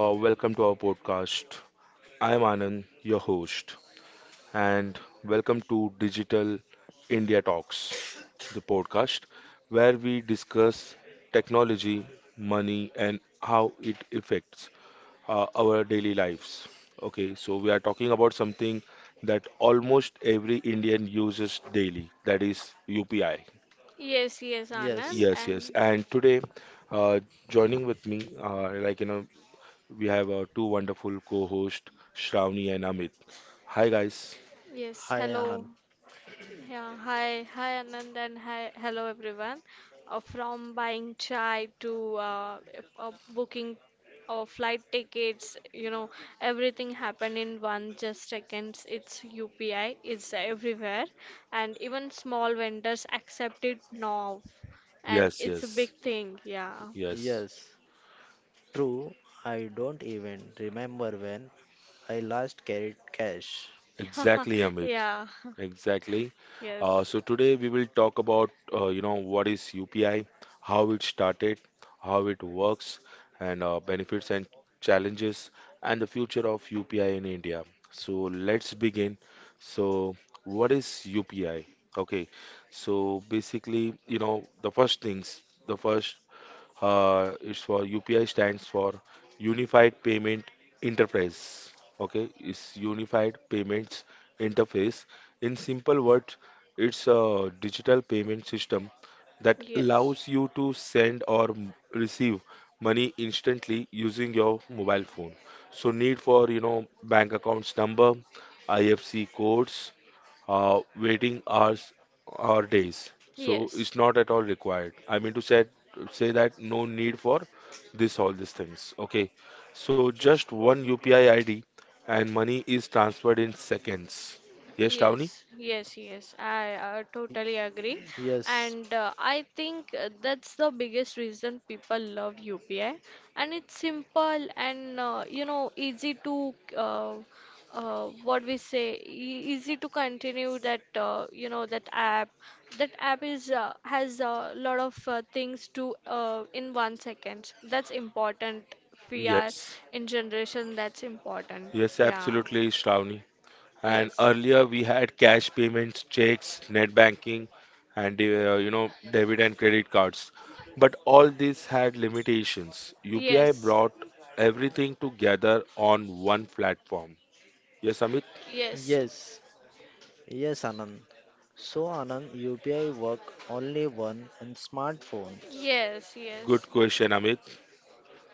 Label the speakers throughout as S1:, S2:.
S1: welcome to our podcast. I am Anand, your host, and welcome to Digital India Talks, the podcast where we discuss technology, money, and how it affects our daily lives. Okay, so we are talking about something that almost every Indian uses daily, that is UPI.
S2: Yes, Anand,
S3: Yes.
S1: Yes, yes.
S2: and
S1: And today, uh, joining with me, we have our two wonderful co-hosts, Shravani and Amit. Hi, guys.
S2: yes,
S3: Hi,
S2: hello.
S3: Anand.
S2: Yeah, hi, Anand, and hi, hello, everyone. From buying chai to booking flight tickets, everything happened in one just seconds. It's UPI, it's everywhere, and even small vendors accept it now, and
S1: Yes,
S2: it's a big
S1: yes,
S2: thing. Yeah,
S1: yes.
S3: Yes. True. I don't even remember when I last carried cash.
S1: Exactly, Amit.
S2: yeah,
S1: Exactly. Uh,
S2: yes,
S1: so today we will talk about, what is UPI, how it started, how it works, and benefits and challenges, and the future of UPI in India. So let's begin. So, what is UPI? Okay. So basically, you know, the first things, the first it's for UPI stands for Unified Payment Interface. Okay, it's Unified Payments Interface. In simple words, it's a digital payment system that allows
S2: yes.
S1: you to receive money instantly using your mobile phone. So need for you know bank accounts number, IFC codes, waiting hours or days. So
S2: Yes.
S1: it's not at all required. I mean to say that no need for this all these things. Okay. So just one UPI ID and money is transferred in seconds. Yes, Shravani?
S2: Yes, yes, yes. I
S3: Y-
S2: totally agree.
S3: Yes.
S2: And I think that's the biggest reason people love UPI. And it's simple and you know easy to what we say easy to continue that you know that app. That app is has a lot of things to in 1 second. That's important. We are
S1: Yes.
S2: in generation. That's important.
S1: Yes,
S2: Yeah.
S1: absolutely, Shravani. And
S2: Yes,
S1: earlier we had cash payments, checks, net banking, and you know debit and credit cards. But all these had limitations. UPI
S2: business. Yes.
S1: brought everything together on one platform. Yes, Amit.
S2: Yes.
S3: Yes. Yes, Anand. So, Anand, UPI work only one in smartphones.
S2: Yes. Good.
S1: Good
S2: Yes.
S1: question, Amit.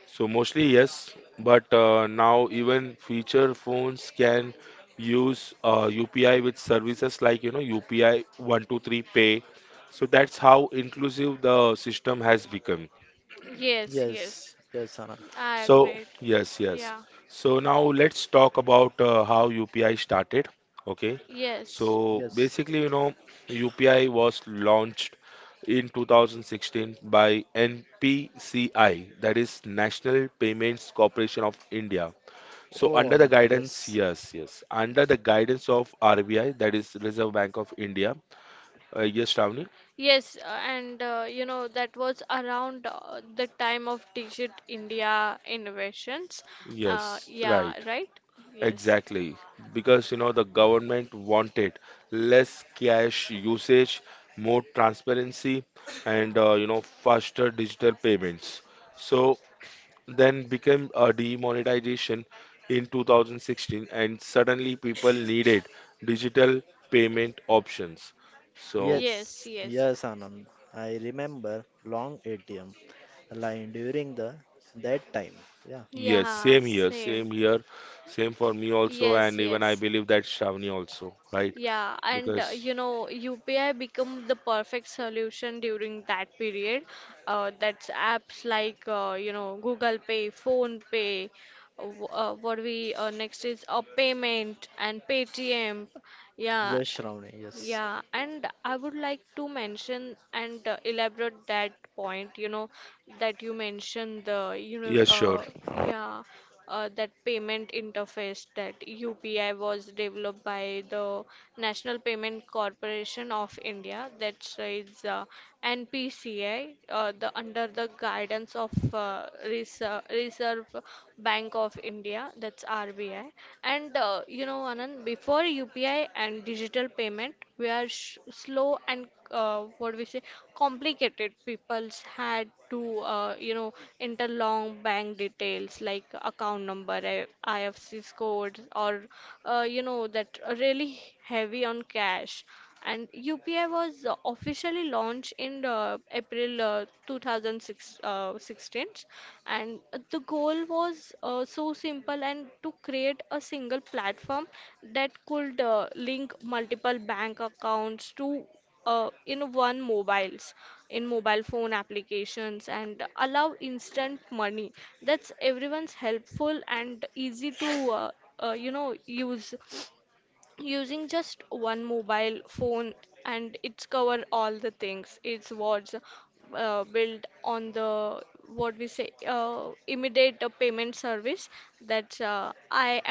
S1: So mostly yes, but now even feature phones can use UPI with services like you know UPI 123 Pay. So that's how inclusive the system has become.
S2: Yes.
S3: Yes.
S2: Yes.
S3: Yes, Anand.
S2: I
S1: So,
S2: agree.
S1: yes, yes.
S2: Yeah.
S1: So now let's talk about how UPI started. Okay.
S2: Yes.
S1: So
S2: Yes.
S3: Yes.
S1: basically, you know, UPI was launched in 2016 by NPCI, that is National Payments Corporation of India. So
S3: Oh,
S1: under the
S3: Anand.
S1: guidance,
S3: Yes.
S1: yes, yes, under the guidance of RBI, that is Reserve Bank of India. Yes, Shravani?
S2: Yes, and you know that was around the time of Digit India innovations. Yes,
S1: Yes,
S2: yeah,
S1: right.
S2: right? Yes.
S1: Exactly, because you know the government wanted less cash usage, more transparency, and you know faster digital payments. So then became a demonetization in 2016, and suddenly people needed digital payment options. So
S2: Yes,
S3: Yes.
S2: yes.
S3: Yes, Anand. I remember long ATM line during the that time. Yeah.
S1: yes,
S2: Yeah,
S1: same here,
S2: same.
S1: same here, same for me also,
S2: Yes,
S1: and even I
S2: yes.
S1: believe that Shravani also, right?
S2: Yeah, and
S1: Because
S2: you know, UPI become the perfect solution during that period. That's apps like you know Google Pay, Phone Pay. What we next is a payment and Paytm. Yeah,
S3: Yes, Shravani. Yes.
S2: yeah, and I would like to mention and elaborate that point, that you mentioned
S1: yes, sure.
S2: yeah, that payment interface that UPI was developed by the National Payment Corporation of India, that is NPCI, the under the guidance of Reserve Bank of India, that's RBI. And you know Anand, before UPI and digital payment we are sh slow and what we say complicated. People's had to you know enter long bank details like account number, IFSC codes, or you know that really heavy on cash. And UPI was officially launched in April 2016, and the goal was so simple, and to create a single platform that could link multiple bank accounts to uh, in one mobiles in mobile phone applications, and allow instant money, that's everyone's helpful and easy to you know use using just one mobile phone, and it's cover all the things. It's what's built on the what we say immediate payment service, that's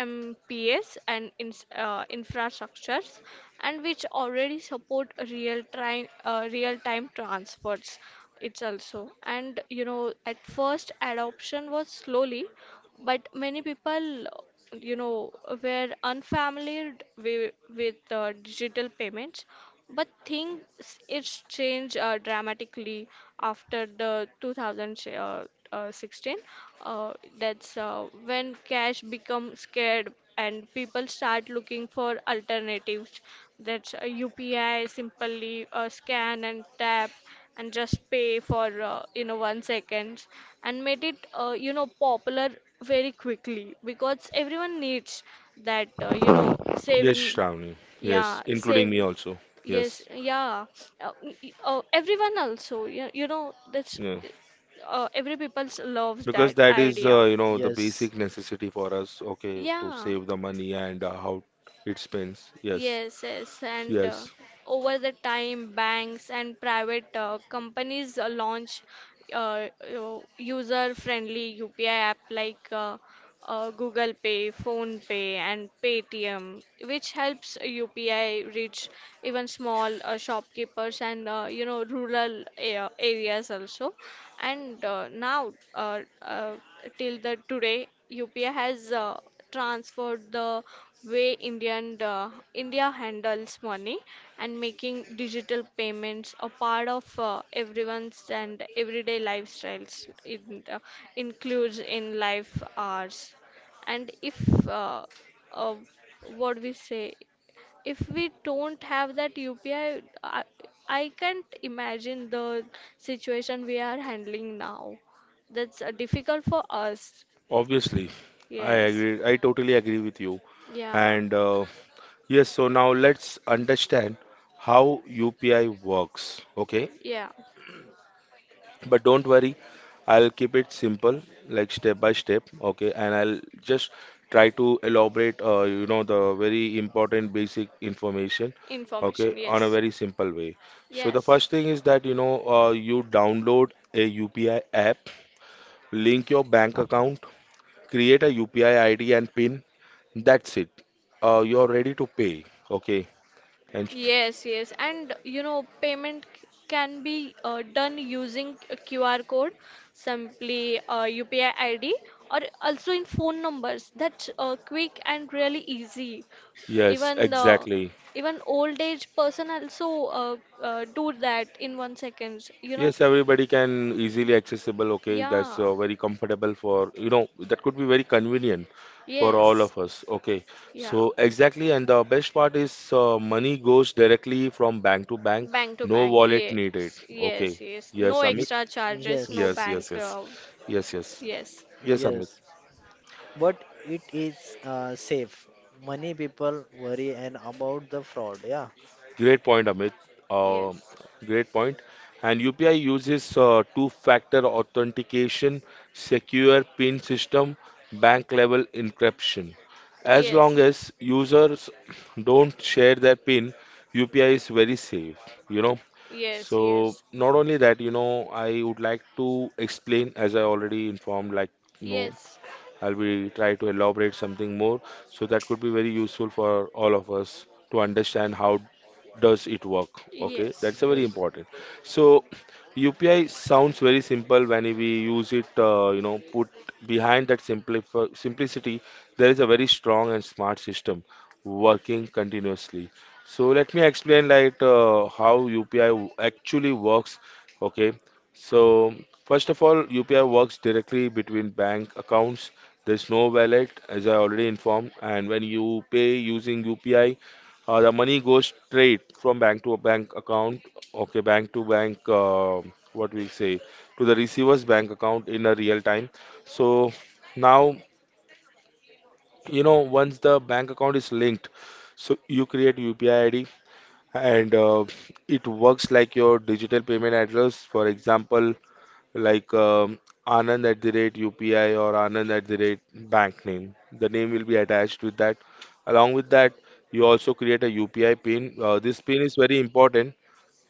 S2: imps, and infrastructures, and which already support real time transfers. It's also, and you know at first adoption was slowly, but many people, you know, were unfamiliar with digital payments, but things it's changed dramatically after the 2016. Uh, that's when cash becomes scared and people start looking for alternatives. That's UPI, simply scan and tap, and just pay for you know 1 seconds, and made it you know popular very quickly because everyone needs that you know
S1: Yes,
S2: saving.
S1: Shravani.
S2: Yeah,
S1: Yes, including
S2: save.
S1: me also.
S2: Yes,
S1: Yes.
S2: yeah, everyone also, you know that's
S1: Yeah.
S2: every people loves that
S1: Because that is,
S2: idea.
S1: the
S3: Yes.
S1: basic necessity for us, okay, to
S2: Yeah.
S1: save the money and how it spends. Yes.
S2: Yes, yes, and
S1: Yes.
S2: over the time, banks and private companies launch uh, user-friendly UPI app like Google Pay, Phone Pay, and Paytm, which helps UPI reach even small shopkeepers and you know rural areas also. And now, till the today, UPI has transformed the way India handles money, and making digital payments a part of everyone's and everyday lifestyles. It uh, includes in life hours, and if uh, uh, what we say, if we don't have that UPI, I, I, I can't imagine the situation we are handling now. That's difficult for us.
S1: Obviously. I
S2: Yes.
S1: agree. I totally agree with you.
S2: Yeah.
S1: And yes, so now let's understand how UPI works, okay?
S2: Yeah. Okay.
S1: But don't worry, I'll keep it simple, like step by step, okay? And I'll just try to elaborate, the very important basic information, okay,
S2: Information.
S1: on a
S2: Yes.
S1: very simple way.
S2: The
S1: So the
S2: yes.
S1: first thing is that, you download a UPI app, link your bank account, create a UPI ID and PIN. That's it. You're ready to pay, okay? And
S2: Yes, yes. And you know, payment can be done using a QR code, simply UPI ID, or also in phone numbers. That's quick and really easy. Yes.
S1: yes,
S2: Even the
S1: exactly.
S2: exactly. Even old age person also do that in 1 seconds. You know?
S1: Yes, everybody can easily accessible. Okay, that's
S2: Yeah.
S1: very comfortable for you know that could be very convenient for all
S2: Yes.
S1: of us. Okay,
S2: Yeah.
S1: so exactly, and the best part is money goes directly from bank to bank.
S2: Bank to
S1: No
S2: bank.
S1: wallet needed.
S2: Yes.
S1: Okay.
S2: Yes. Yes. No
S1: Yes,
S3: Ye-
S1: Amit.
S2: extra charges. No
S3: Yes,
S1: Yes, yes,
S2: bank.
S1: yes, yes, yes,
S2: Yes.
S1: yes, Amit.
S3: yes, but it is safe? Many people worry and about the fraud. Yeah.
S1: Great point, Amit. Um
S2: Yes.
S1: great point. And UPI uses two-factor authentication, secure PIN system, bank-level encryption. As long
S2: Yes.
S1: as users don't share their PIN, UPI is very safe, you know. So
S2: Yes.
S1: not only that, you know, I would like to explain, as I already informed, like, you know,
S2: Yes.
S1: I'll be try to elaborate something more. So that could be very useful for all of us to understand how does it work. Okay, that's
S2: Yes. Yes.
S1: a very
S3: Yes.
S1: important. So UPI sounds very simple when we use it. You know, put behind that simplicity, there is a very strong and smart system working continuously. So let me explain like how UPI actually works. Okay, so first of all, UPI works directly between bank accounts there's no wallet, as I already informed, and when you pay using UPI, the money goes straight from bank to a bank account, okay, bank to bank, what we say, to the receiver's bank account in a real time. So now, you know, once the bank account is linked, so you create UPI ID and it works like your digital payment address. For example, like um, Anand at the rate UPI or Anand at the rate bank name. The name will be attached with that. Along with that, you also create a UPI pin. This pin is very important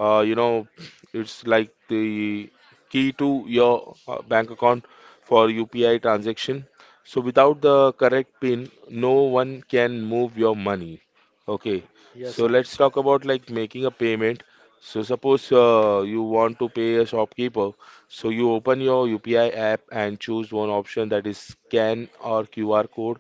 S1: uh, you know it's like the key to your bank account for UPI transaction so without the correct pin no one can move your money okay
S3: Yes,
S1: so
S3: Anand.
S1: let's talk about like making a payment so suppose you want to pay a shopkeeper so you open your UPI app and choose one option that is scan or QR code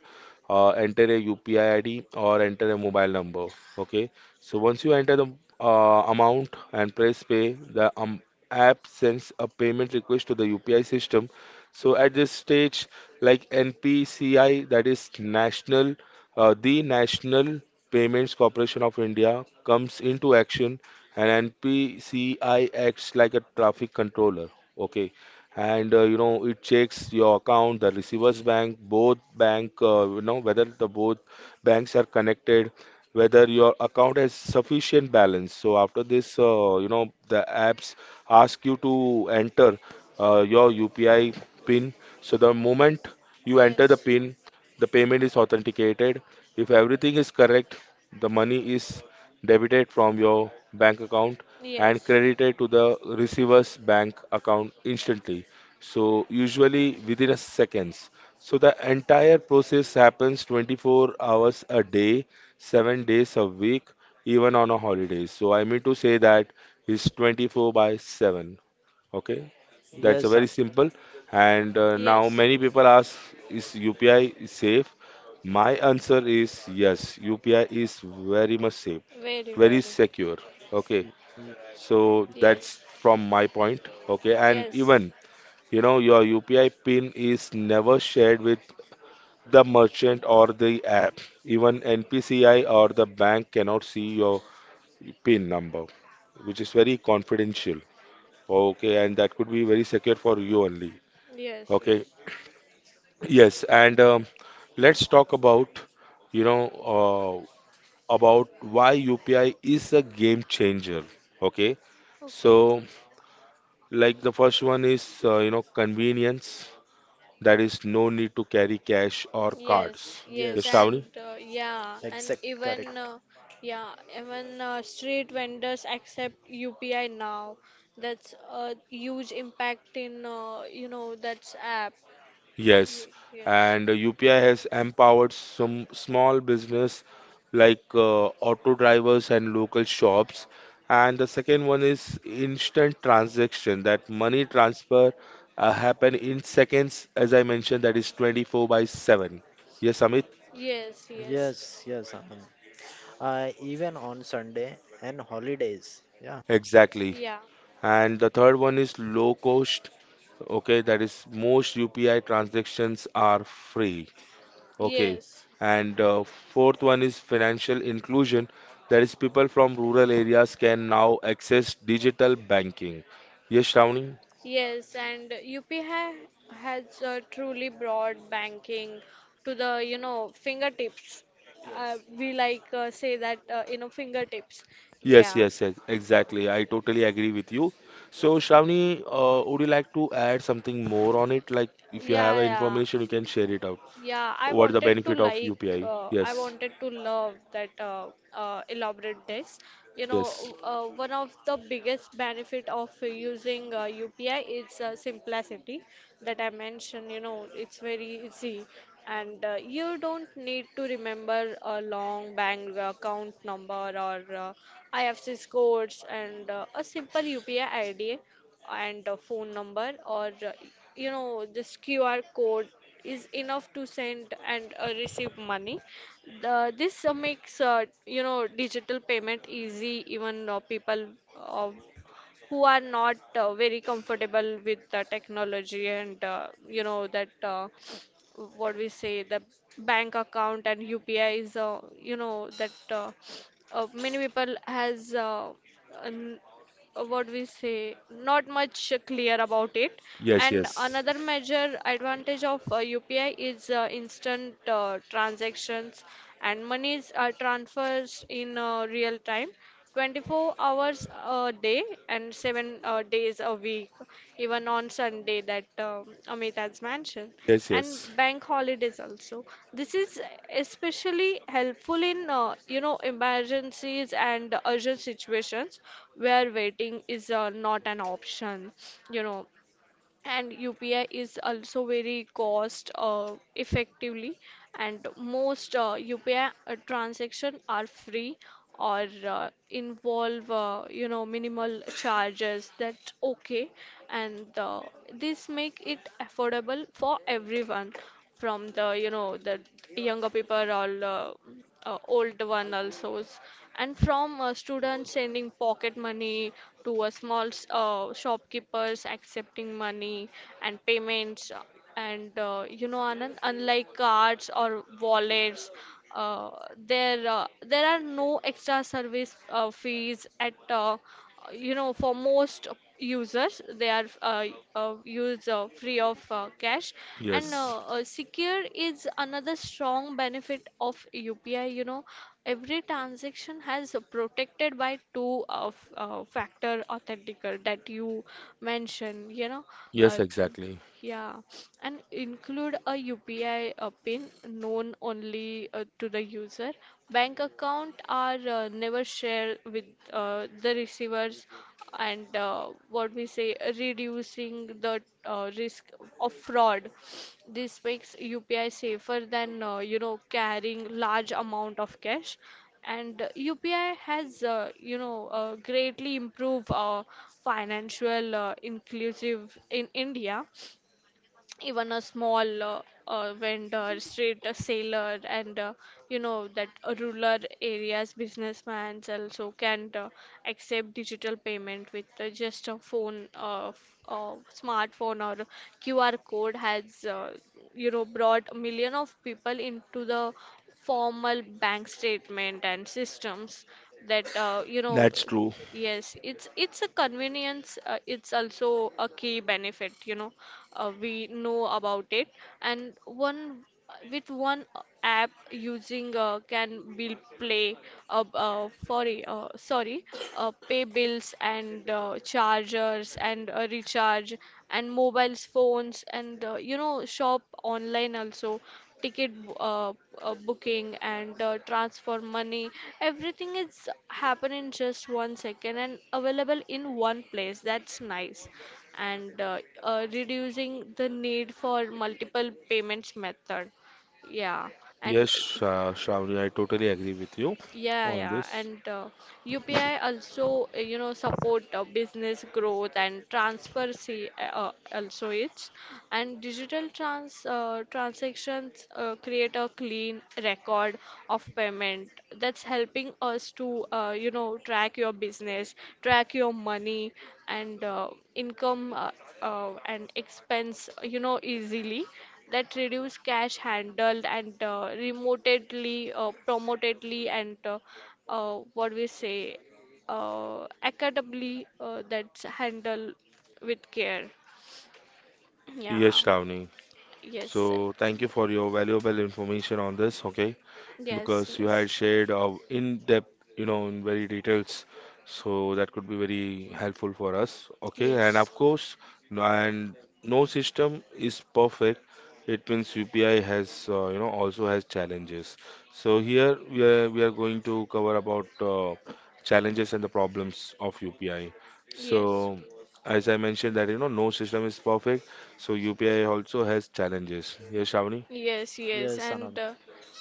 S1: enter a UPI ID or enter a mobile number okay so once you enter the amount and press pay, the app sends a payment request to the UPI system. So at this stage, like NPCI, that is National Payments Corporation of India comes into action, and NPCI acts like a traffic controller. Okay, and you know it checks your account, the receiver's bank, both bank, you know whether the both banks are connected whether your account has sufficient balance. So after this, the apps ask you to enter your UPI PIN. So the moment you enter the PIN, the payment is authenticated. If everything is correct, the money is debited from your bank account and credited to the receiver's bank account instantly. So usually within a seconds. So the entire process happens 24 hours a day 7 days a week, even on a holidays. So I mean to say that is 24 by 7. Okay, that's a
S3: Yes,
S1: very
S3: Anand.
S1: simple. And now many people ask, is UPI is safe? My answer is yes. UPI is very much safe,
S2: Very.
S1: very secure. Okay,
S3: Y- y-
S1: so that's from my point. Okay, and even you know your UPI pin is never shared with the merchant or the app. Even NPCI or the bank cannot see your PIN number, which is very confidential. Okay, and that could be very secure for you only.
S2: Yes.
S1: Okay, yes, and let's talk about, you know, uh, about why UPI is a game changer. Okay,
S2: So. Okay.
S1: so like the first one is, convenience. That is no need to carry cash or cards.
S2: Yes, yes,
S1: Yes,
S3: Yes.
S2: and
S1: Shravani?
S2: yeah, and
S3: Exact.
S2: even
S3: Correct.
S2: yeah, even street vendors accept UPI now. That's a huge impact in you know that's app.
S1: Yes,
S2: Ye-
S1: and UPI has empowered some small business like auto drivers and local shops. And the second one is instant transaction, that money transfer happen in seconds, as I mentioned, that is 24 by 7. Yes, Amit?
S2: Yes. Yes, yes.
S3: Yes. Yes, Anand. Even on Sunday and holidays. Yeah.
S1: Exactly.
S2: Yeah.
S1: And the third one is low cost. Okay, that is most UPI transactions are free. Okay.
S2: Yes.
S1: And fourth one is financial inclusion. That is, people from rural areas can now access digital banking. Yes, Shravani?
S2: Yes, and UP ha has truly brought banking to the, you know, fingertips. We like say that, you know, fingertips.
S1: Yes,
S2: Yeah.
S1: yes, yes, exactly. I totally agree with you. So, Shravani, would you like to add something more on it? Like, if you have
S2: Yeah, yeah.
S1: information, you can share it out.
S2: Yeah, I
S1: What is the
S2: wanted to
S1: benefit of
S2: like,
S1: UPI?
S2: I
S1: Yes,
S2: wanted to love that elaborate dish. You know,
S1: yes,
S2: one of the biggest benefit of using UPI is simplicity that I mentioned. You know, it's very easy, and you don't need to remember a long bank account number or IFSC codes, and a simple UPI ID and a phone number or you know this QR code is enough to send and receive money. This makes you know digital payment easy, even people uh, who are not very comfortable with the technology, and you know that what we say the bank account, and UPI is you know that many people has n- what we say, not much clear about it. Yes,
S1: yes,
S2: and yes.
S1: yes,
S2: Another major advantage of UPI is instant transactions, and monies are transfers in real time, 24 hours a day and 7 days a week, even on Sunday, that Amit has mentioned,
S1: yes,
S2: and
S1: yes,
S2: bank holidays also. This is especially helpful in you know emergencies and urgent situations where waiting is not an option, you know. And UPI is also very cost effectively, and most UPI transaction are free or involve you know minimal charges, that's okay. And this make it affordable for everyone, from the, you know, the younger people or old one also, and from students sending pocket money to a small shopkeepers accepting money and payments. And you know Anand, unlike cards or wallets, uh, there are no extra service fees at you know for most users. They are use free of cash. And
S1: yes,
S2: secure is another strong benefit of UPI. You know, every transaction has a protected by two of factor authenticator that you mentioned, you know.
S1: yes,
S2: uh,
S1: exactly.
S2: yeah, and include a UPI pin known only to the user. Bank account are never shared with the receivers, and what we say, reducing the risk of fraud. This makes UPI safer than you know carrying large amount of cash. And UPI has you know greatly improved financial inclusive in India. Even a small vendor, street sailor, and you know that rural areas businessmen also can accept digital payment with just a phone, smartphone or QR code. Has you know brought a million of people into the formal bank statement and systems, that you know.
S1: That's true.
S2: Yes, it's a convenience. It's also a key benefit. You know, we know about it. And one with one app using can bill play, uh, uh, sorry, uh, sorry, pay bills and chargers and recharge and mobiles phones, and you know shop online also, ticket uh, booking and transfer money. Everything is happen in just 1 second and available in one place, that's nice. And reducing the need for multiple payments method. Yeah. And
S1: Yes, Shravani, I totally agree with you
S2: yeah,
S1: on
S2: yeah,
S1: this.
S2: and UPI also, you know, support business growth and transparency also. It's and digital transactions create a clean record of payment, that's helping us to, you know, track your business, track your money and income and expense, you know, easily, that reduce cash handled and remotely promotedly, and what we say accountably, that's handled with care. Yeah.
S1: Yes, Shravani.
S2: Yes.
S1: So thank you for your valuable information on this, okay?
S2: Yes.
S1: Because you had
S2: Yes.
S1: shared in depth, you know, in very details. So that could be very helpful for us, okay? And
S2: Yes.
S1: of course, no- and no system is perfect. It means UPI has, also has challenges. So here we are going to cover about challenges and the problems of UPI.
S2: Yes.
S1: So as I mentioned that, you know, no system is perfect so UPI also has challenges. Yes, Shavani?
S2: Yes, yes,
S3: Yes,
S2: and
S3: Anand.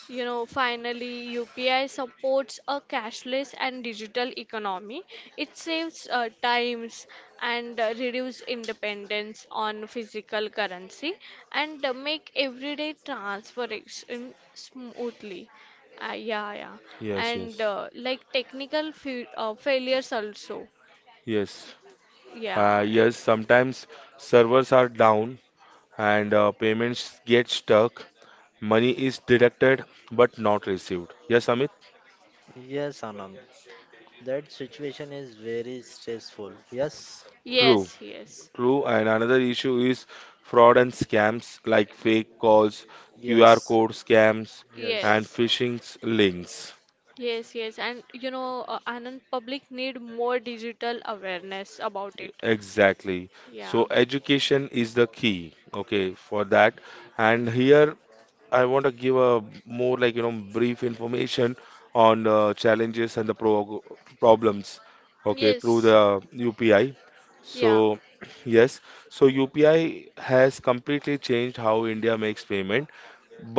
S2: you know, finally, UPI supports a cashless and digital economy. It saves times and reduce independence on physical currency, and make everyday transaction smoothly. Yeah, yeah,
S1: Yes,
S2: and
S1: yes.
S2: like technical fe failures also.
S1: Yes.
S2: Yeah.
S1: Yes, sometimes servers are down and payments get stuck. Money is deducted but not received. Yes, Amit?
S3: Yes, Anand. That situation is very stressful. Yes.
S1: True,
S2: Yes, yes,
S1: true. And another issue is fraud and scams like fake calls, QR
S3: Yes.
S1: code scams,
S2: and.
S3: Yes.
S1: and links.
S2: Yes, yes. And you know, Anand, public need more digital awareness about it.
S1: Exactly. So
S2: So
S1: education is the key, okay, for that. And here I want to give a more brief information on challenges and the problems, okay,
S2: through.
S1: through the UPI. So yes, so UPI has completely changed how India makes payment,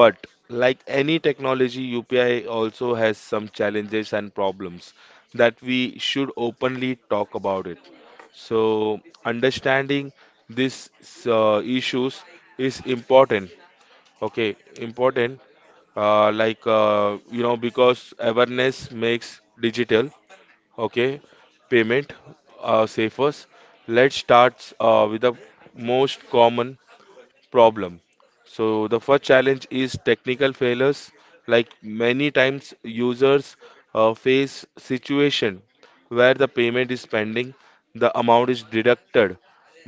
S1: but like any technology, UPI also has some challenges and problems that we should openly talk about it. So understanding these issues is important, okay, important, because awareness makes digital, okay, payment safer. Let's start with the most common problem. So the first challenge is technical failures. Like many times users face situation where the payment is pending, the amount is deducted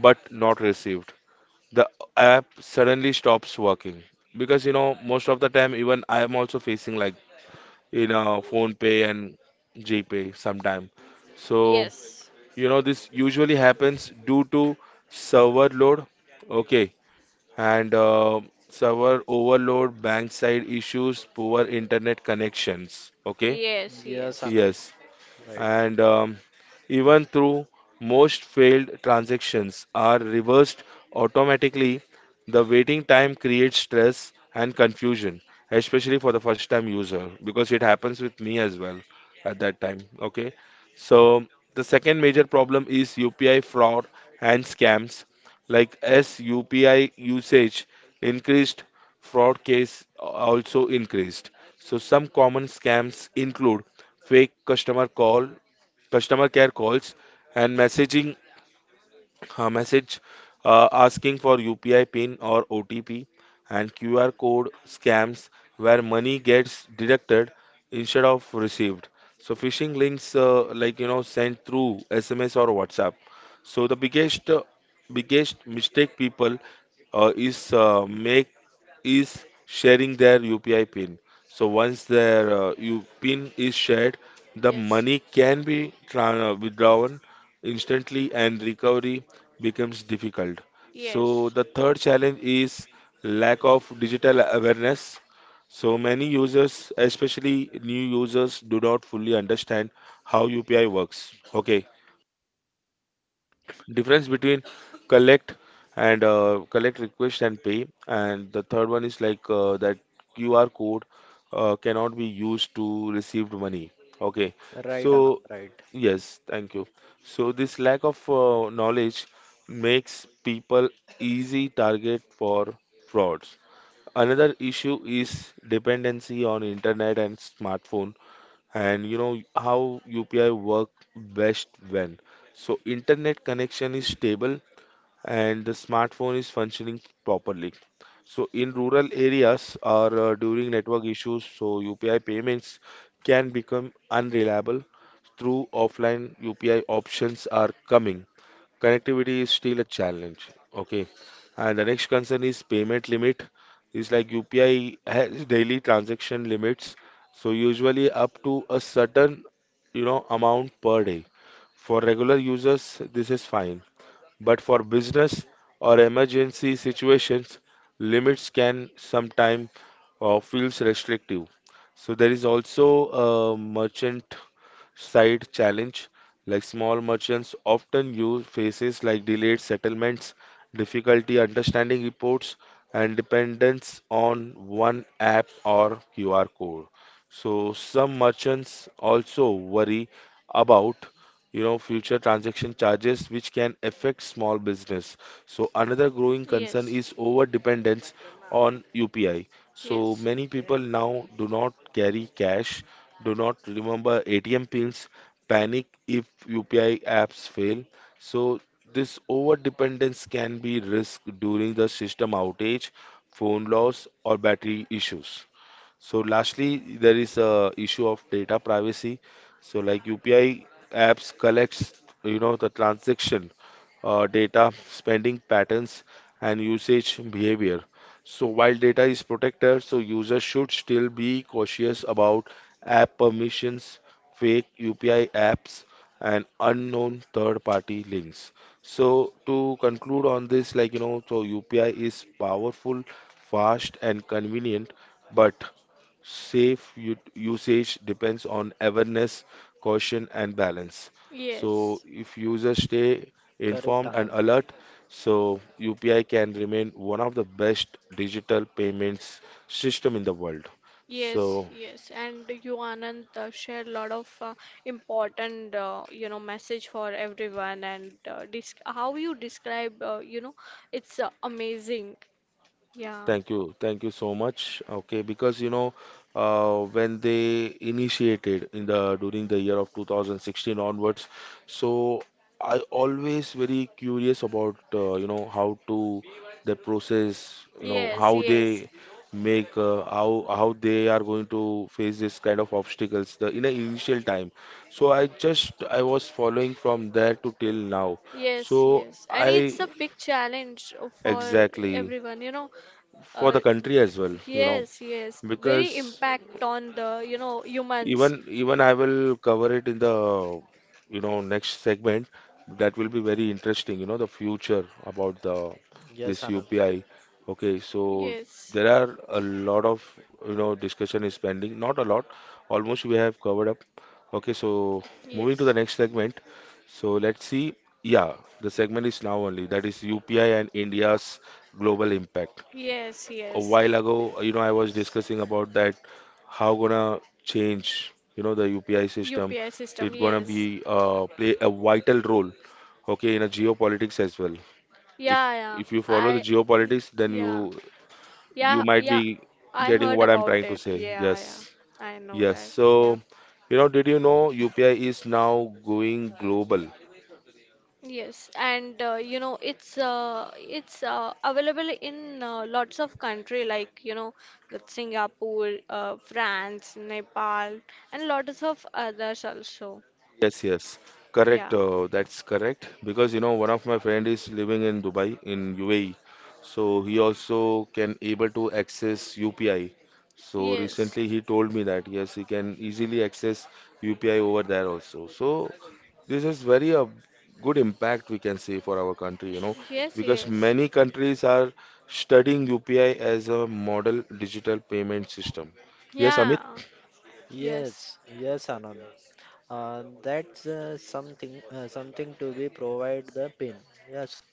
S1: but not received, the app suddenly stops working. Because you know, most of the time even I am also facing, phone pay and gpay sometime.
S2: So.
S1: So you know this usually happens due to server load, okay, and server overload, bank side issues, poor internet connections, okay.
S2: Yes,
S3: Yes,
S2: yes.
S3: Anand.
S1: Yes,
S3: Right.
S1: and even through most failed transactions are reversed automatically, the waiting time creates stress and confusion, especially for the first time user, because it happens with me as well at that time, okay. So the second major problem is UPI fraud and scams. Like as UPI usage increased, fraud case also increased. So some common scams include fake customer care calls and messaging message asking for UPI pin or OTP, and QR code scams where money gets deducted instead of received. So phishing links, sent through SMS or WhatsApp. So the biggest mistake people is make is sharing their UPI pin. So once their U pin is shared, the
S2: Yes.
S1: money can be withdrawn instantly and recovery becomes
S2: So.
S1: difficult. So
S2: Yes.
S1: the third challenge is lack of digital
S2: Of.
S1: awareness. So many users, especially new users, do not fully understand how UPI works. Okay, difference between collect collect request and pay. And the third one is like that QR code cannot be used to received money. Okay.
S3: Right,
S1: So
S3: Anand. Right.
S1: yes, thank you. So this lack of knowledge makes people easy target for frauds. Another issue is dependency on internet and smartphone. And you know, how UPI work best when, so internet connection is stable and the smartphone is functioning properly. So in rural areas or during network issues, so UPI payments can become unreliable. Through offline UPI options are coming, connectivity is still a challenge. Okay. And the next concern is payment limit. It's like UPI has daily transaction limits, so usually up to a certain, you know, amount per day. For regular users, this is fine, but for business or emergency situations, limits can sometimes feels restrictive. So there is also a merchant side challenge, like small merchants often use faces like delayed settlements, difficulty understanding reports, and dependence on one app or QR code. So some merchants also worry about, you know, future transaction charges which can affect small business. So another growing concern
S2: Yes.
S1: is
S2: Control.
S1: over dependence on
S2: So.
S1: UPI. So
S2: Yes.
S1: many people now do not carry
S2: Yes.
S1: cash, do
S2: Control.
S1: not remember ATM pins, panic if UPI apps fail. So this over dependence can be risk during the system outage, phone loss or battery issues. So lastly, there is a issue of data privacy. So like UPI apps collects, you know, the transaction data, spending patterns, and usage behavior. So while data is protected, so users should still be cautious about app permissions, fake UPI apps, and unknown third-party links. So to conclude on this, so UPI is powerful, fast, and convenient. But safe u- usage depends on awareness, caution, and balance.
S2: Yes,
S1: So if users stay
S3: Correct,
S1: informed and
S3: Anand.
S1: alert, so UPI can remain one of the best digital payments system in the world. So
S2: yes, and you Anand share a lot of important, you know, message for everyone, and disc how you describe, you know, it's amazing. Yeah.
S1: thank you. Thank you so much. Okay, because you know, when they initiated in the during the year of 2016 onwards, so I always very curious about, how to the process, you know,
S2: Yes,
S1: how
S2: yes.
S1: they make how they are going to face this kind of obstacles the in a initial time. So I was following from there to till now.
S2: Yes,
S1: So
S2: yes. And it's
S1: I
S2: a big challenge for
S1: exactly
S2: everyone, you know.
S1: for
S2: Uh,
S1: the country as well, you know,
S2: yes, yes. Very
S1: because
S2: impact on the, you know, humans.
S1: even I will cover it in the, you know, next segment, that will be very interesting, you know, the future about the
S3: Yes,
S1: this
S3: Anand.
S1: UPI. Okay, so
S2: Yes,
S1: there are a lot of, you know, discussion is pending. Not a lot, almost we have covered up. Okay, so moving to the
S2: yes.
S1: next segment. So let's see. Yeah, the segment is now only that is UPI and India's global impact.
S2: Yes,
S1: A
S2: yes.
S1: while ago, you know, I was
S3: Yes,
S1: discussing about that how gonna change, you know, the UPI system.
S2: UPI system,
S1: It gonna be
S2: yes.
S1: play a vital role, okay, in a geopolitics as well. If
S2: Yeah,
S1: you
S2: yeah.
S1: follow the geopolitics, then
S2: Yeah.
S1: you
S2: Yeah,
S1: might
S2: yeah,
S1: be
S2: I
S1: getting
S2: heard
S1: what I'm
S2: about
S1: trying to
S2: it.
S1: say.
S2: Yeah, yeah,
S1: Yes,
S2: I know
S1: yes.
S2: that. Yeah.
S1: So, you know, did you know UPI is now going global?
S2: Yes, and you know it's available in lots of country like you know the Singapore, France, Nepal, and lots of others also.
S1: Yes, yes,
S2: Yeah.
S1: correct. That's correct, because you know one of my friend is living in Dubai in UAE, so he also can able to access UPI. So
S2: Yes.
S1: recently he told me that yes, he can easily access UPI over there also. So this is very a good impact we can say for our country, you know,
S2: Yes,
S1: because
S2: yes.
S1: many countries are studying UPI as a model digital payment system. Yes,
S2: Yeah.
S1: Amit.
S2: Yes.
S3: yes, yes, Anand. That's something, something to be provide the pin. Yes,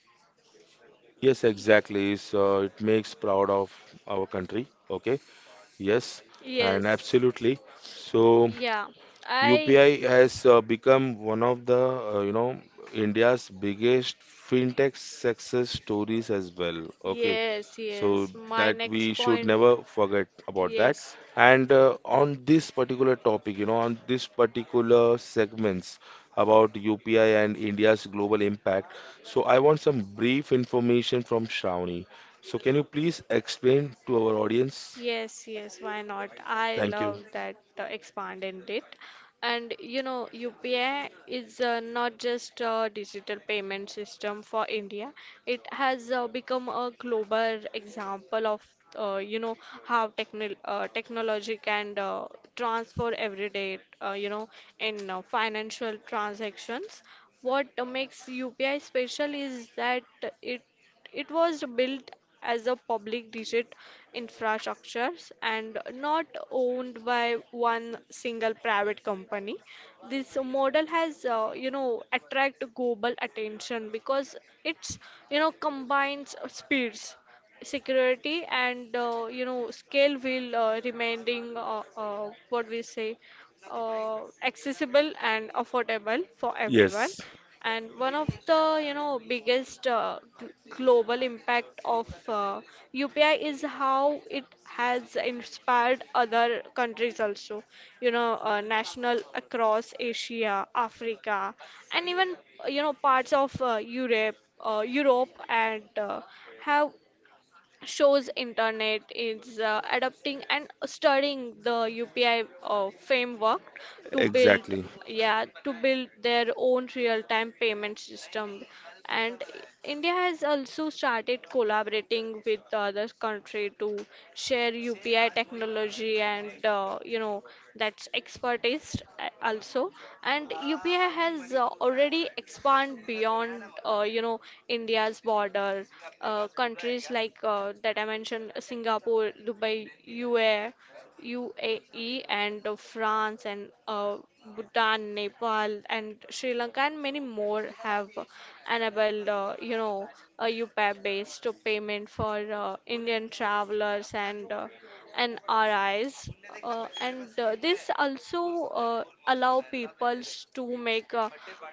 S1: Yes, exactly. So it makes proud of our country. Okay. Yes, and
S2: Yes.
S1: absolutely. So
S2: Yeah. I.
S1: UPI has become one of the, India's biggest fintech success stories as well. Okay,
S2: Yes,
S1: so
S2: yes. My
S1: that we
S2: next
S1: should
S2: point.
S1: never forget about that.
S2: Yes.
S1: And on this particular topic, you know, on this particular segments about UPI and India's global impact, so I want some brief information from Shravani. So can you please explain to our audience?
S2: Yes, yes, why not? I
S1: Thank you.
S2: love that expanding it. And you know, UPI is not just a digital payment system for India. It has become a global example of you know how technology can transfer every day you know in financial transactions. What makes UPI special is that it it was built as a public digit infrastructure and not owned by one single private company. This model has, you know, attract global attention because it's, you know, combines speeds, security and you know scale will remaining what we say uh, accessible and affordable for everyone.
S1: Yes,
S2: And one of the, you know, biggest global impact of UPI is how it has inspired other countries also, you know, national across Asia, Africa, and even, you know, parts of Europe, and have shows internet is adapting and studying the UPI framework to build
S1: exactly.
S2: yeah to build their own real-time payment system. And India has also started collaborating with the other country to share UPI technology and, you know, that's expertise also. And UPI has already expand beyond, you know, India's border. Countries like that I mentioned, Singapore, Dubai, UAE, and France, and Bhutan, Nepal, and Sri Lanka, and many more have enabled, you know, a UPI-based payment for Indian travelers and RIs. And This also allow people to make uh,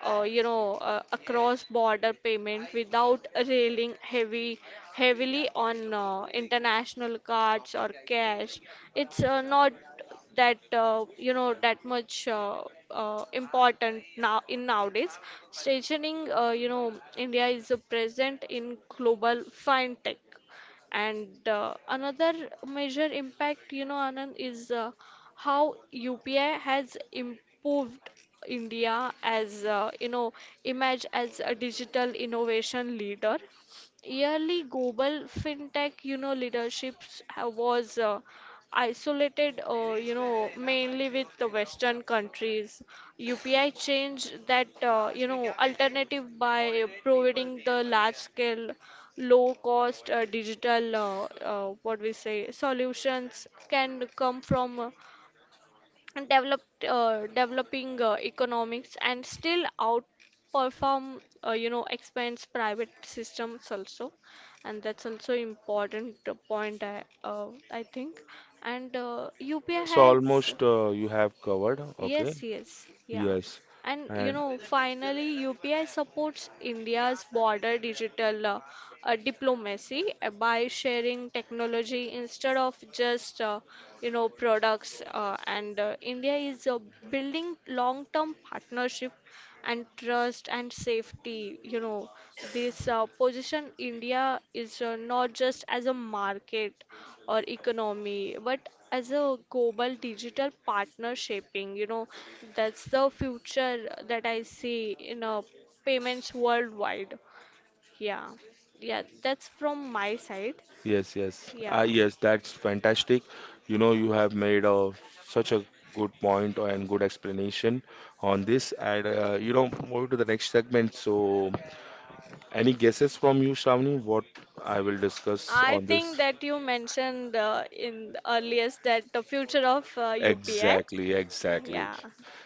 S2: uh, you know, a cross-border payment without railing heavy heavily on international cards or cash. It's not that you know that much important now in nowadays stationing, you know, India is present in global fintech. And another major impact, you know, Anand, is how UPI has improved India as, you know, image as a digital innovation leader. Yearly global fintech, you know, leaderships ha- was isolated, you know, mainly with the western countries. UPI changed that, you know, alternative by providing the large scale, low cost, digital what we say solutions can come from, and developed developing economics, and still outperform, you know, expense private systems also. And that's also important point, I think. And UPI
S1: So
S2: has...
S1: almost you have covered. Okay.
S2: Yes, yes, yeah.
S1: Yes.
S2: And you
S1: And
S2: know, finally, UPI supports India's border digital diplomacy by sharing technology instead of just, you know, products. And India is building long-term partnership and trust and safety. You know, this position India is, not just as a market or economy, but as a global digital partner shaping, you know, that's the future that I see in payments worldwide. Yeah, yeah, that's from my side.
S1: yes, yes.
S2: Yeah.
S1: Ah, yes, that's fantastic. You know, you have made a such a good point and good explanation on this. And you know, moving to the next segment. So any guesses from you, Shravani, what I will discuss
S2: I
S1: on this?
S2: think that you mentioned in the earliest that the future of UPI.
S1: Exactly, exactly.
S2: Yeah,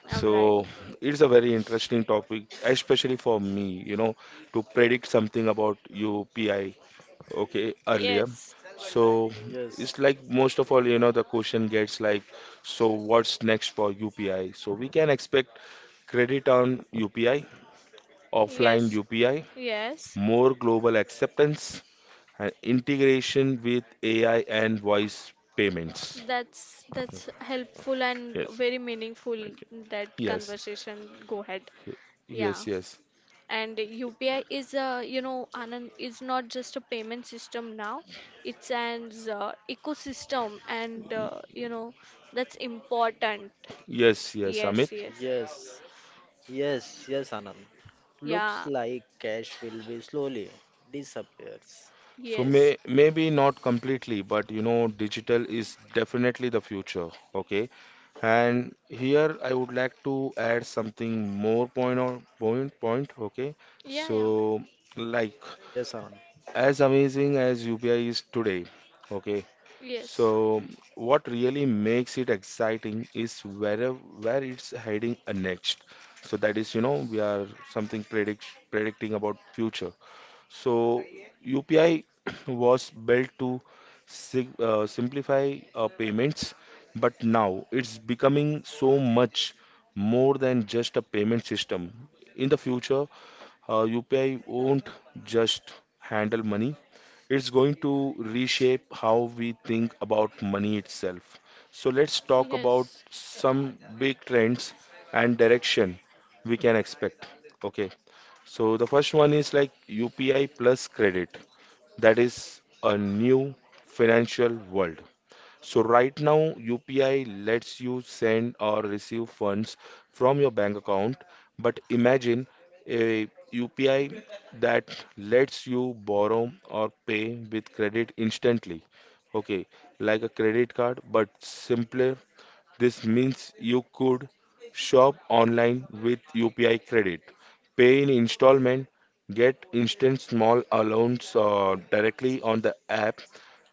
S2: I'm right.
S1: So it's a very interesting topic, especially for me, you know, to predict something about UPI. Okay, earlier.
S2: Yes,
S1: So it's
S3: yes,
S1: like most of all, you know, the question gets like, so what's next for UPI? So we can expect credit on UPI, offline
S2: yes,
S1: UPI,
S2: yes.
S1: more global acceptance, and integration with AI and voice payments.
S2: That's helpful and
S1: Yes,
S2: very meaningful
S1: thank you.
S2: that
S1: yes
S2: conversation, go ahead.
S1: y-
S2: Yeah.
S1: yes.
S2: And UPI is a, you know, Anand, is not just a payment system now. It's an ecosystem and,
S1: Y-
S2: you know, that's important.
S1: yes, Amit.
S2: Yes,
S3: yes, yes, yes, Anand. Looks
S2: yes, Amit.
S3: like cash will be slowly disappears.
S1: So
S2: Yes.
S1: maybe not completely, but you know, digital is definitely the future. Okay. And here I would like to add something more point on point. Okay,
S2: Yeah, yes. Yeah,
S1: so
S2: yeah.
S1: like,
S3: Yes, Anand.
S1: as amazing as UPI is today, okay.
S2: So, yes.
S1: So what really makes it exciting is where it's heading next. So that is, you know, we are something predicting about future. So UPI was built to simplify payments, but now it's becoming so much more than just a payment system. In the future, UPI won't just handle money. It's going to reshape how we think about money itself. So let's talk about
S2: Yes.
S1: some big trends and direction we can expect. Okay. So the first one is like UPI plus credit. That is a new financial world. So right now, UPI lets you send or receive funds from your bank account. But imagine a UPI that lets you borrow or pay with credit instantly. Okay, like a credit card, but simpler. This means you could shop online with UPI credit, pay in installment, get instant small allowance directly on the app.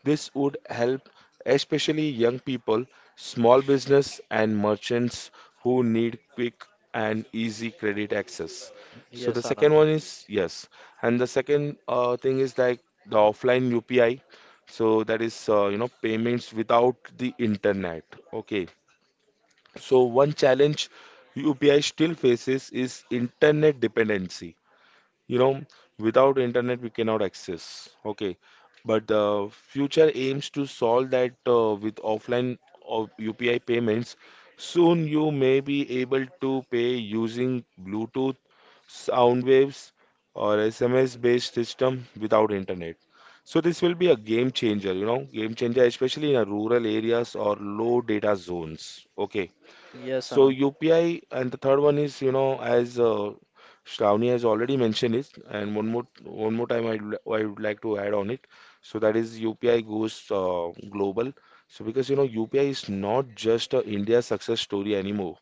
S1: This would help, especially young people, small business and merchants who need quick and easy credit access. So
S3: Yes,
S1: the
S3: Anand.
S1: second one is yes, and the second thing is like the offline UPI. So that is, payments without the internet. Okay. So one challenge UPI still faces is internet dependency. You know, without internet we cannot access. Okay. But the future aims to solve that with offline of UPI payments. Soon you may be able to pay using Bluetooth, sound waves, or SMS based system without internet. So this will be a game changer, you know, game changer, especially in a rural areas or low data zones. Okay.
S3: Yes,
S1: So
S3: Anand.
S1: UPI, and the third one is, you know, as Shravani has already mentioned it, and one more time I would like to add on it. So that is UPI goes global. So because you know, UPI is not just a India success story anymore.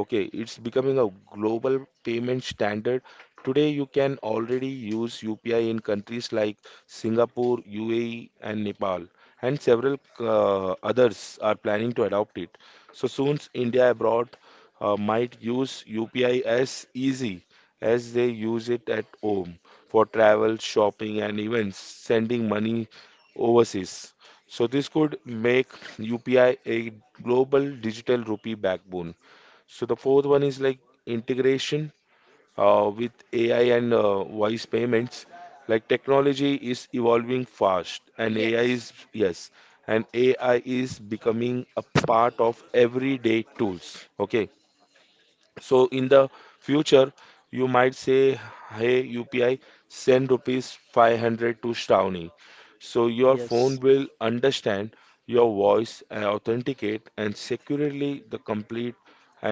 S1: Okay, it's becoming a global payment standard. Today, you can already use UPI in countries like Singapore, UAE, and Nepal, and several others are planning to adopt it. So soon, India abroad might use UPI as easy as they use it at home for travel, shopping, and events, sending money overseas. So this could make UPI a global digital rupee backbone. So the fourth one is like integration with AI and voice payments. Like technology is evolving fast, and AI is yes, and AI is becoming a part of everyday tools. Okay, so in the future, you might say, "Hey UPI, send rupees 500 to Shravani." So your phone
S3: Yes,
S1: will understand your voice and authenticate and securely the complete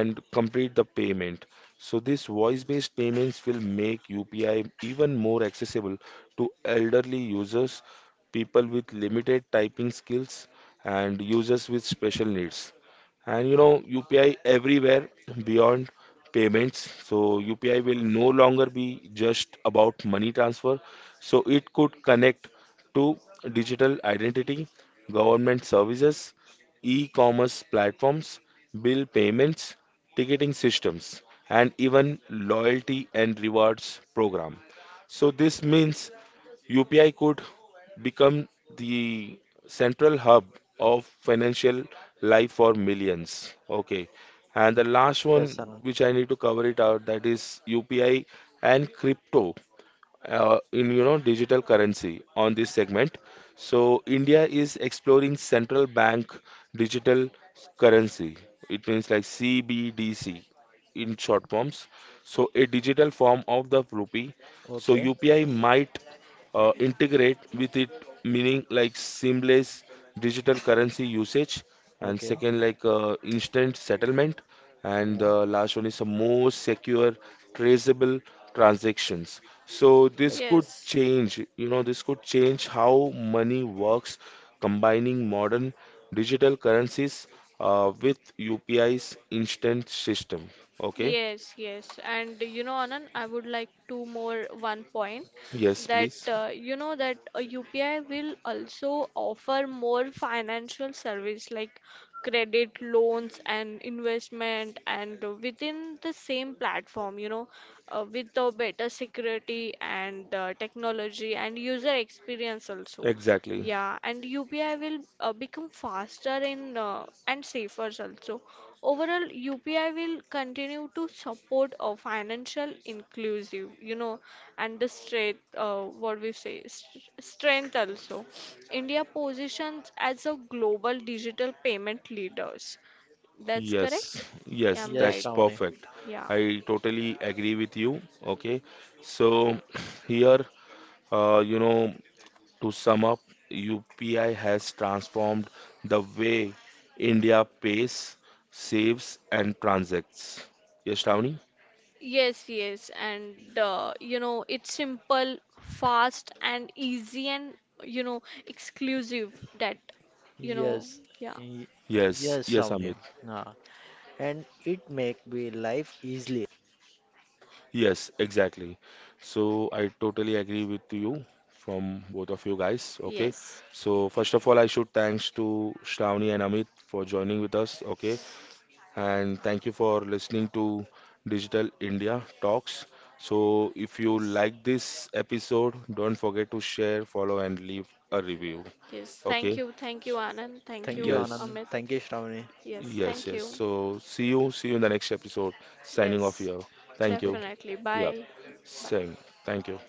S1: and complete the payment. So this voice-based payments will make UPI even more accessible to elderly users, people with limited typing skills, and users with special needs. And you know, UPI everywhere beyond payments. So UPI will no longer be just about money transfer. So it could connect to digital identity, government services, e-commerce platforms, bill payments, ticketing systems, and even loyalty and rewards program. So this means UPI could become the central hub of financial life for millions. Okay. And the last
S3: yes,
S1: one
S3: Anand.
S1: which I need to cover it out, that is UPI and crypto, in, you know, digital currency on this segment. So India is exploring central bank digital currency. It means like CBDC in short forms. So a digital form of the rupee. So
S3: Okay,
S1: UPI might integrate with it, meaning like seamless digital currency usage, and
S3: okay,
S1: second like instant settlement. And
S3: yeah,
S1: the last one is a more secure, traceable transactions. So this
S3: okay.
S1: could change, you know, this could change how money works, combining modern digital currencies with UPI's instant system. Okay.
S2: Yes, yes. And you know, Anand, I would like to more one point
S1: Yes,
S2: that
S1: please.
S2: you know that UPI will also offer more financial service like credit, loans, and investment, and within the same platform, you know, with the better security and technology and user experience also.
S1: Exactly.
S2: Yeah, and UPI will become faster in and safer also. Overall, UPI will continue to support a financial inclusive, you know, and the strength, what we say, strength also. India positions as a global digital payment leaders. That's
S1: Yes.
S2: correct? Yeah,
S1: Yes,
S2: I'm
S3: Yes,
S1: that's
S2: right.
S3: Shravani.
S1: perfect.
S2: Yeah.
S1: I totally agree with you. Okay. So here, you know, to sum up, UPI has transformed the way India pays, saves, and transacts. Yes, Shravani?
S2: Yes, yes, and you know, it's simple, fast, and easy, and you know, exclusive that you know,
S3: Yes,
S2: yeah.
S3: y-
S1: Yes,
S3: yes,
S1: yes,
S3: Shravani.
S1: Amit.
S3: Yeah. And it make we life easily.
S1: Yes, exactly. So I totally agree with you from both of you guys. Okay.
S2: Yes.
S1: So first of all, I should thanks to Shravani and Amit for joining with us. Okay. And thank you for listening to Digital India Talks. So if you like
S2: Yes.
S1: this episode, don't forget to share, follow, and leave a review.
S2: Yes.
S1: Okay?
S2: Thank you. Thank you, Anand. Thank
S3: Thank you,
S2: you,
S1: Yes,
S3: Anand.
S2: Amit.
S3: Thank you, Shravani.
S2: Yes.
S1: yes,
S2: Thank
S1: yes.
S2: you.
S1: So see you in the next episode. Signing off
S2: Yes.
S1: here. Thank you.
S3: Okay.
S2: Definitely.
S1: Yeah,
S2: Bye. Bye.
S1: same. Thank you.